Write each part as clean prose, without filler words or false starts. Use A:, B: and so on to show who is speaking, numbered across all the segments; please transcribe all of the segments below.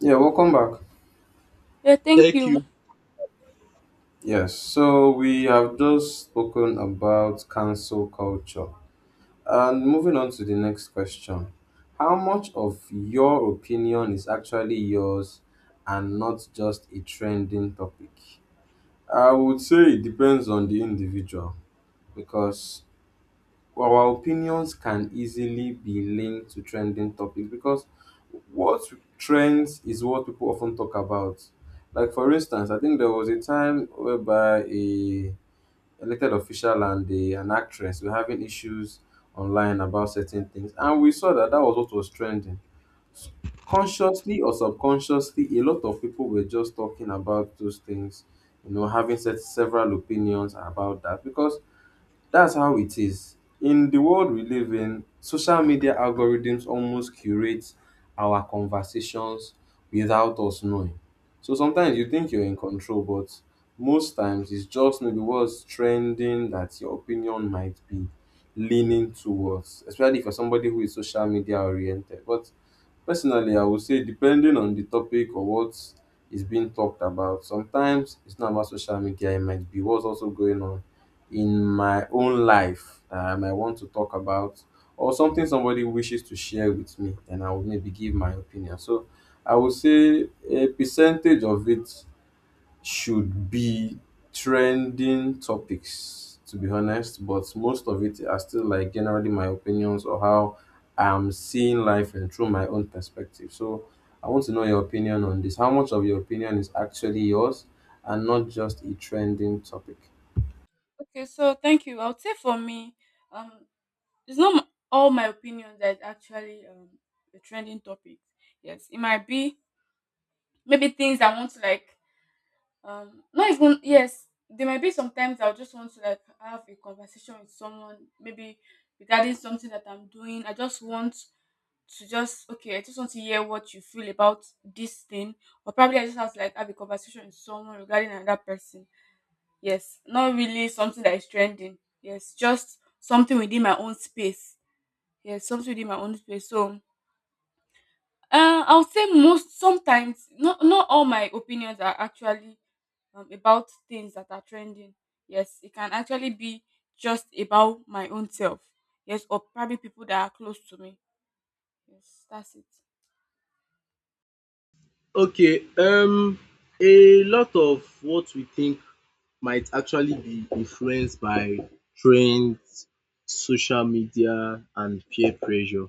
A: Yeah, welcome back.
B: Yeah, thank
C: Thank
B: you.
C: you.
A: Yes, so we have just spoken about cancel culture. And moving on to the next question: how much of your opinion is actually yours and not just a trending topic? I would say it depends on the individual, because our opinions can easily be linked to trending topics, because what trends is what people often talk about. Like, for instance, I think there was a time whereby a elected official and an actress were having issues online about certain things, and we saw that that was what was trending. Consciously or subconsciously, a lot of people were just talking about those things, having set several opinions about that, because that's how it is. In the world we live in, social media algorithms almost curate our conversations without us knowing. So sometimes you think you're in control, but most times it's just maybe what's trending that your opinion might be leaning towards, especially if you're somebody who is social media oriented. But personally, I would say, depending on the topic or what is being talked about, sometimes it's not about social media, it might be what's also going on in my own life that I might want to talk about, or something somebody wishes to share with me, and I would maybe give my opinion. So I would say a percentage of it should be trending topics, to be honest, but most of it are still like generally my opinions or how I'm seeing life and through my own perspective. So I want to know your opinion on this. How much of your opinion is actually yours and not just a trending topic?
B: Okay, so thank you. I would say for me, um, it's not all my opinions that actually a trending topic. Yes, it might be maybe things I want to like not even yes, there might be sometimes I'll just want to like have a conversation with someone maybe regarding something that I'm doing. I just want to just okay, I just want to hear what you feel about this thing, or probably I just have to like have a conversation with someone regarding another person. Yes, not really something that is trending. Yes, just something within my own space. Yes, something within my own space. So, I would say most sometimes not all my opinions are actually about things that are trending. Yes, it can actually be just about my own self. Yes, or probably people that are close to me. Yes, that's it.
C: Okay, um, a lot of what we think might actually be influenced by trends, social media, and peer pressure.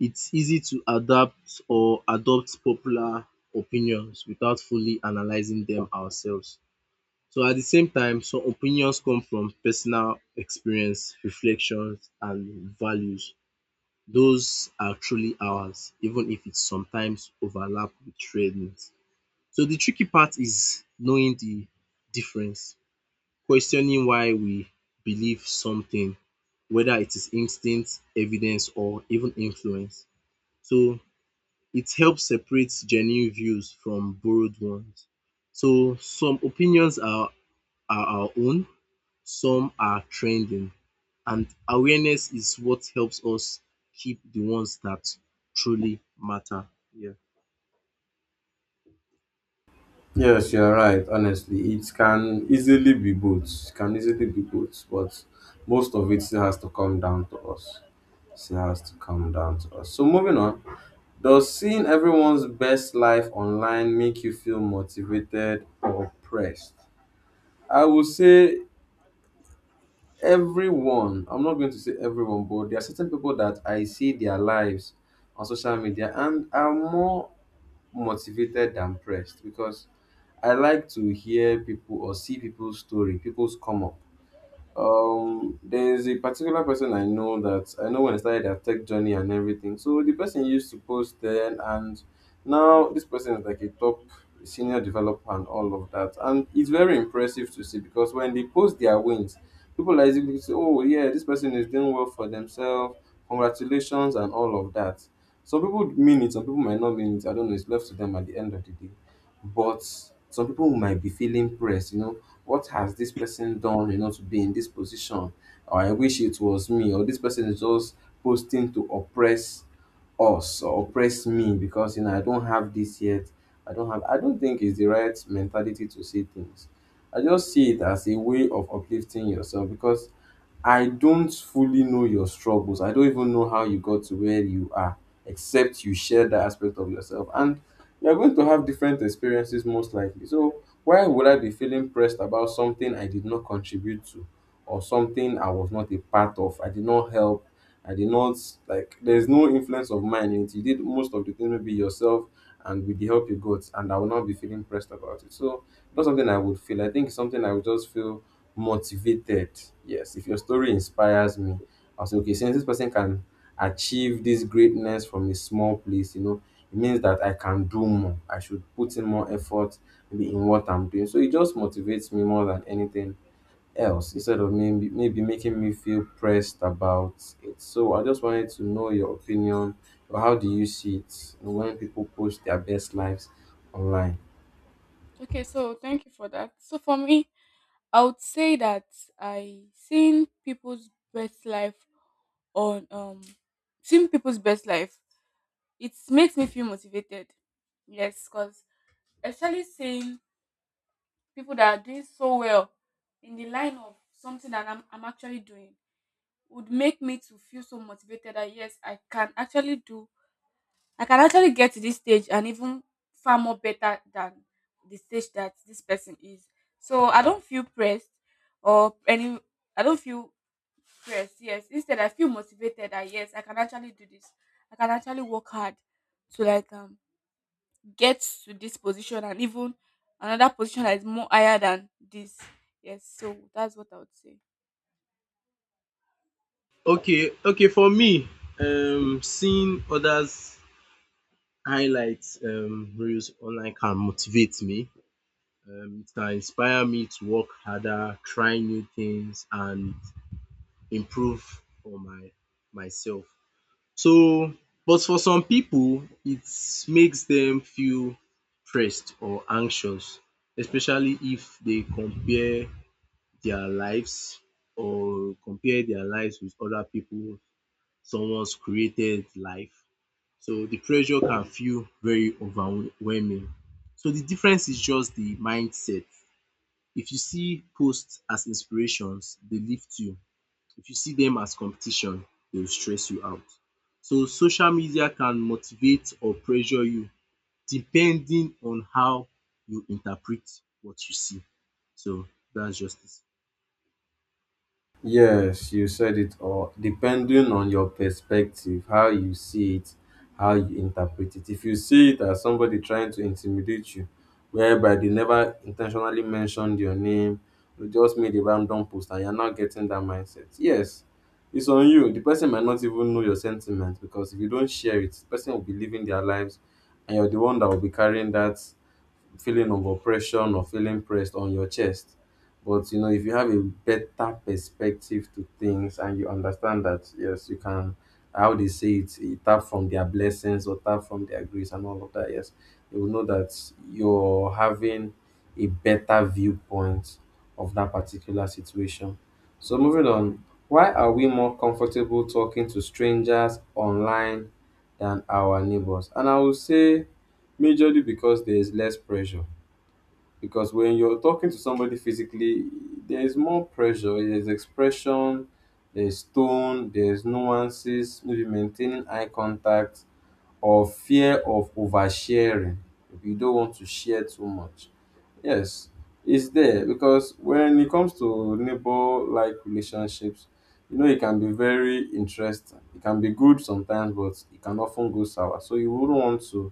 C: It's easy to adapt or adopt popular opinions without fully analyzing them ourselves. So, at the same time, some opinions come from personal experience, reflections, and values. Those are truly ours, even if it sometimes overlap with trends. So the tricky part is knowing the difference, questioning why we believe something, whether it is instinct, evidence or even influence. So it helps separate genuine views from borrowed ones. So some opinions are our own, some are trending and awareness is what helps us keep the ones that truly matter. Yeah.
A: Yes, you're right. Honestly, it can easily be both. It can easily be both, but most of it still has to come down to us. Still has to come down to us. So moving on, does seeing everyone's best life online make you feel motivated or pressed? I will say everyone. I'm not going to say everyone, but there are certain people that I see their lives on social media and are more motivated than pressed, because I like to hear people or see people's story, people's come up. There is a particular person I know that I know when I started their tech journey and everything. So the person used to post then, and now, this person is like a top senior developer and all of that. And it's very impressive to see, because when they post their wins, people are easily say, oh, yeah, this person is doing well for themselves. Congratulations and all of that. Some people mean it, some people might not mean it. I don't know. It's left to them at the end of the day. But some people might be feeling pressed, what has this person done, to be in this position? Or I wish it was me. Or this person is just posting to oppress us or oppress me because you know I don't have this yet. I don't have, I don't think it's the right mentality to see things. I just see it as a way of uplifting yourself, because I don't fully know your struggles. I don't even know how you got to where you are, except you share that aspect of yourself. And you're going to have different experiences, most likely. So, why would I be feeling pressed about something I did not contribute to or something I was not a part of? I did not help. I did not, like, there's no influence of mine in it. You did most of the things maybe yourself and with the help you got, and I will not be feeling pressed about it. So not something I would feel. I think it's something I would just feel motivated. Yes, if your story inspires me, I'll say, okay, since this person can achieve this greatness from a small place, you know, it means that I can do more. I should put in more effort maybe in what I'm doing. So it just motivates me more than anything else, instead of me maybe making me feel pressed about it. So I just wanted to know your opinion, or how do you see it when people post their best lives online?
B: Okay, so thank you for that. So for me, I would say that I seen people's best life on seeing people's best life. It makes me feel motivated. Yes, because especially seeing people that are doing so well in the line of something that I'm actually doing would make me to feel so motivated that yes, I can actually do I can actually get to this stage and even far more better than the stage that this person is. So I don't feel pressed or any I don't feel pressed, yes. Instead I feel motivated that yes, I can actually do this. I can actually work hard to like get to this position and even another position that is more higher than this. Yes, so that's what I would say.
C: Okay, okay. For me, seeing others' highlights reels online can motivate me. It can inspire me to work harder, try new things, and improve for my myself. So, but for some people, it makes them feel stressed or anxious, especially if they compare their lives or compare their lives with other people someone's created life. So the pressure can feel very overwhelming. So the difference is just the mindset. If you see posts as inspirations, they lift you. If you see them as competition, they will stress you out. So social media can motivate or pressure you depending on how you interpret what you see. So that's just it.
A: Yes, you said it all. Depending on your perspective, how you see it, how you interpret it. If you see it as somebody trying to intimidate you, whereby they never intentionally mentioned your name, they just made a random post and you're not getting that mindset. Yes, it's on you. The person might not even know your sentiments, because if you don't share it, the person will be living their lives and you're the one that will be carrying that feeling of oppression or feeling pressed on your chest. But you know, if you have a better perspective to things and you understand that, yes, you can, how they say it, eh, tap from their blessings or tap from their grace and all of that, yes, you will know that you're having a better viewpoint of that particular situation. So moving on, why are we more comfortable talking to strangers online than our neighbors? And I will say majorly because there is less pressure, because when you're talking to somebody physically, there is more pressure, there's expression, there's tone, there's nuances, maybe maintaining eye contact or fear of oversharing if you don't want to share too much. Yes, it's there, because when it comes to neighbor like relationships, you know, it can be very interesting. It can be good sometimes, but it can often go sour. So you wouldn't want to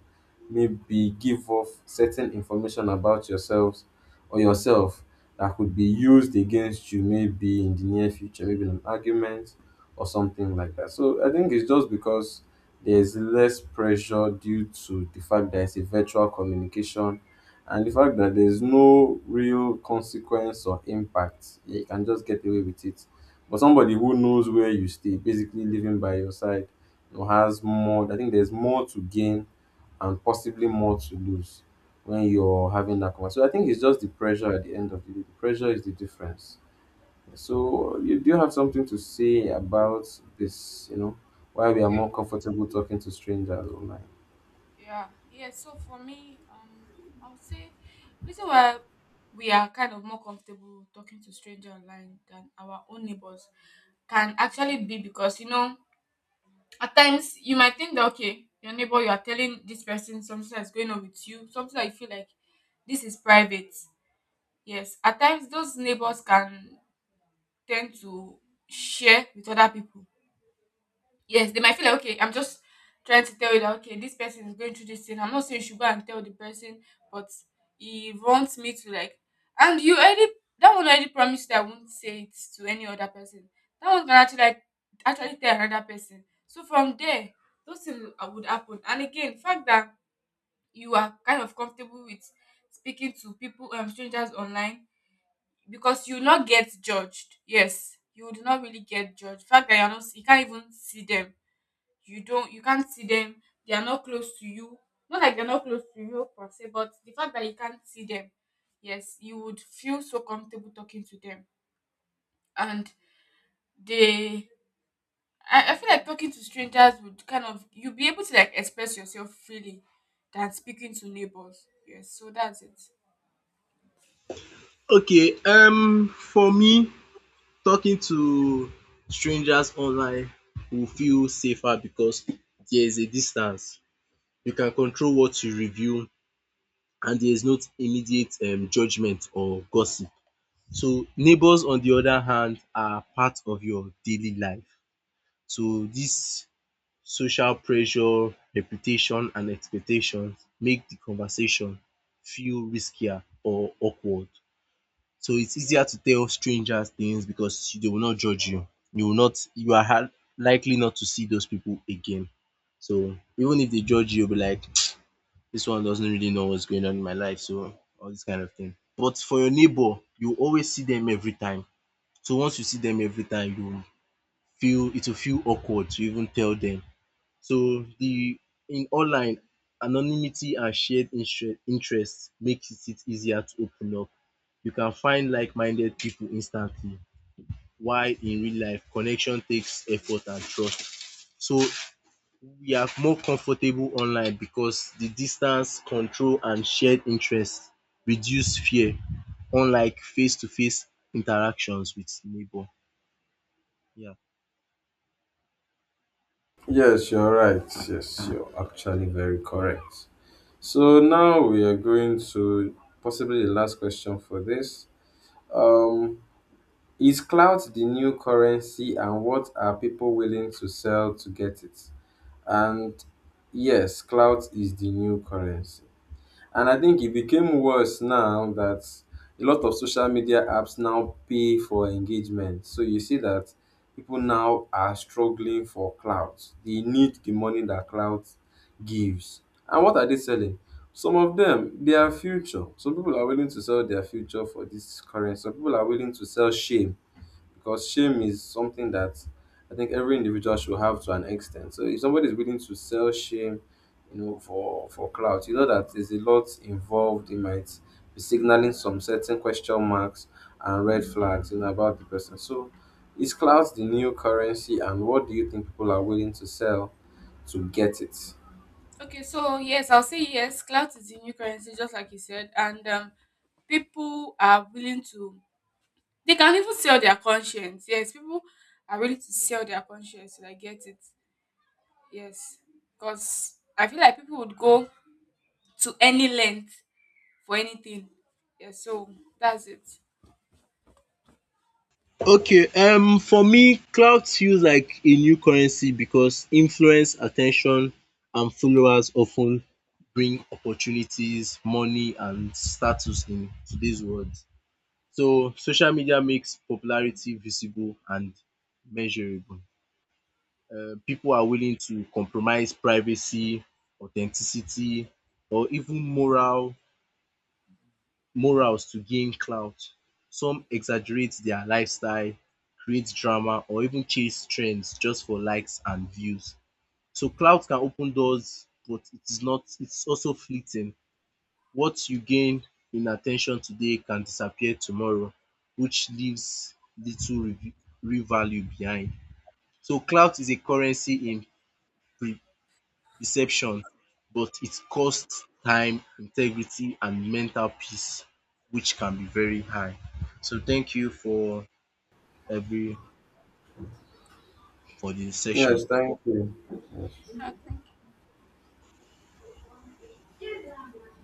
A: maybe give off certain information about yourselves or yourself that could be used against you maybe in the near future, maybe in an argument or something like that. So I think it's just because there's less pressure, due to the fact that it's a virtual communication and the fact that there's no real consequence or impact. You can just get away with it. But somebody who knows where you stay, basically living by your side, you know, has more. I think there's more to gain and possibly more to lose when you're having that conversation. So I think it's just the pressure at the end of the day. The pressure is the difference. So, you, do you have something to say about this? You know, why we are
B: Okay.
A: more comfortable talking to strangers online?
B: Yeah, yeah. So for me, I would say reason why we are kind of more comfortable talking to stranger online than our own neighbors can actually be because you know at times you might think that okay your neighbor you are telling this person something that's going on with you, something that you feel like this is private. Yes, at times those neighbors can tend to share with other people. Yes, they might feel like okay, I'm just trying to tell you that okay, this person is going through this thing. I'm not saying you should go and tell the person, but he wants me to like and you already that one already promised that I won't say it to any other person. That one can actually like actually tell another person. So from there, those things would happen. And again, the fact that you are kind of comfortable with speaking to people strangers online because you will not get judged. Yes, you would not really get judged. The fact that you're not you can't even see them you don't you can't see them, they are not close to you, not like they're not close to you per se, but the fact that you can't see them, yes, you would feel so comfortable talking to them. And they I feel like talking to strangers would kind of you'd be able to like express yourself freely than speaking to neighbors, yes, so that's it.
C: Okay, for me talking to strangers online will feel safer because there is a distance. You can control what you review and there is not immediate judgment or gossip. So neighbours on the other hand are part of your daily life. So this social pressure, reputation and expectations make the conversation feel riskier or awkward. So it's easier to tell strangers things because they will not judge you. You will not You are hard likely not to see those people again. So even if they judge you, you'll be like this one doesn't really know what's going on in my life, so all this kind of thing. But for your neighbor, you always see them every time. So once you see them every time, you feel it will feel awkward to even tell them. So the in online, anonymity and shared interest makes it easier to open up. You can find like-minded people instantly, while in real life, connection takes effort and trust. So we are more comfortable online because the distance, control, and shared interest reduce fear, unlike face-to-face interactions with neighbor. Yeah.
A: Yes, you're right. Yes, you're actually very correct. So now we are going to, possibly the last question for this. Um, is clout the new currency, and what are people willing to sell to get it? And yes, clout is the new currency. And I think it became worse now that a lot of social media apps now pay for engagement. So you see that people now are struggling for clout. They need the money that clout gives. And what are they selling? Some of them, their future. Some people are willing to sell their future for this currency. Some people are willing to sell shame, because shame is something that I think every individual should have to an extent. So if somebody is willing to sell shame, you know, for clout, you know that there's a lot involved. It might be signaling some certain question marks and red flags, you know, about the person. So is clout the new currency, and what do you think people are willing to sell to get it?
B: Okay, so yes, I'll say yes, clout is the new currency, just like you said. And people are willing to they can even sell their conscience. Yes, people are ready to sell their conscience. I get it. Yes, because I feel like people would go to any length for anything. Yes, so that's it.
C: Okay, for me clout feels like a new currency because influence, attention, and followers often bring opportunities, money and status in today's world. So social media makes popularity visible and measurable. Pipu are willing to compromise privacy, authenticity or even morals to gain clout. Some exaggerate their lifestyle, create drama or even chase trends just for likes and views. So clout can open doors but it is not it's also fleeting. What you gain in attention today can disappear tomorrow which leaves little rev- real value behind. So clout is a currency in pre reception, but it costs time, integrity, and mental peace, which can be very high. So thank you every for the session.
A: Yes, thank you.
B: Okay.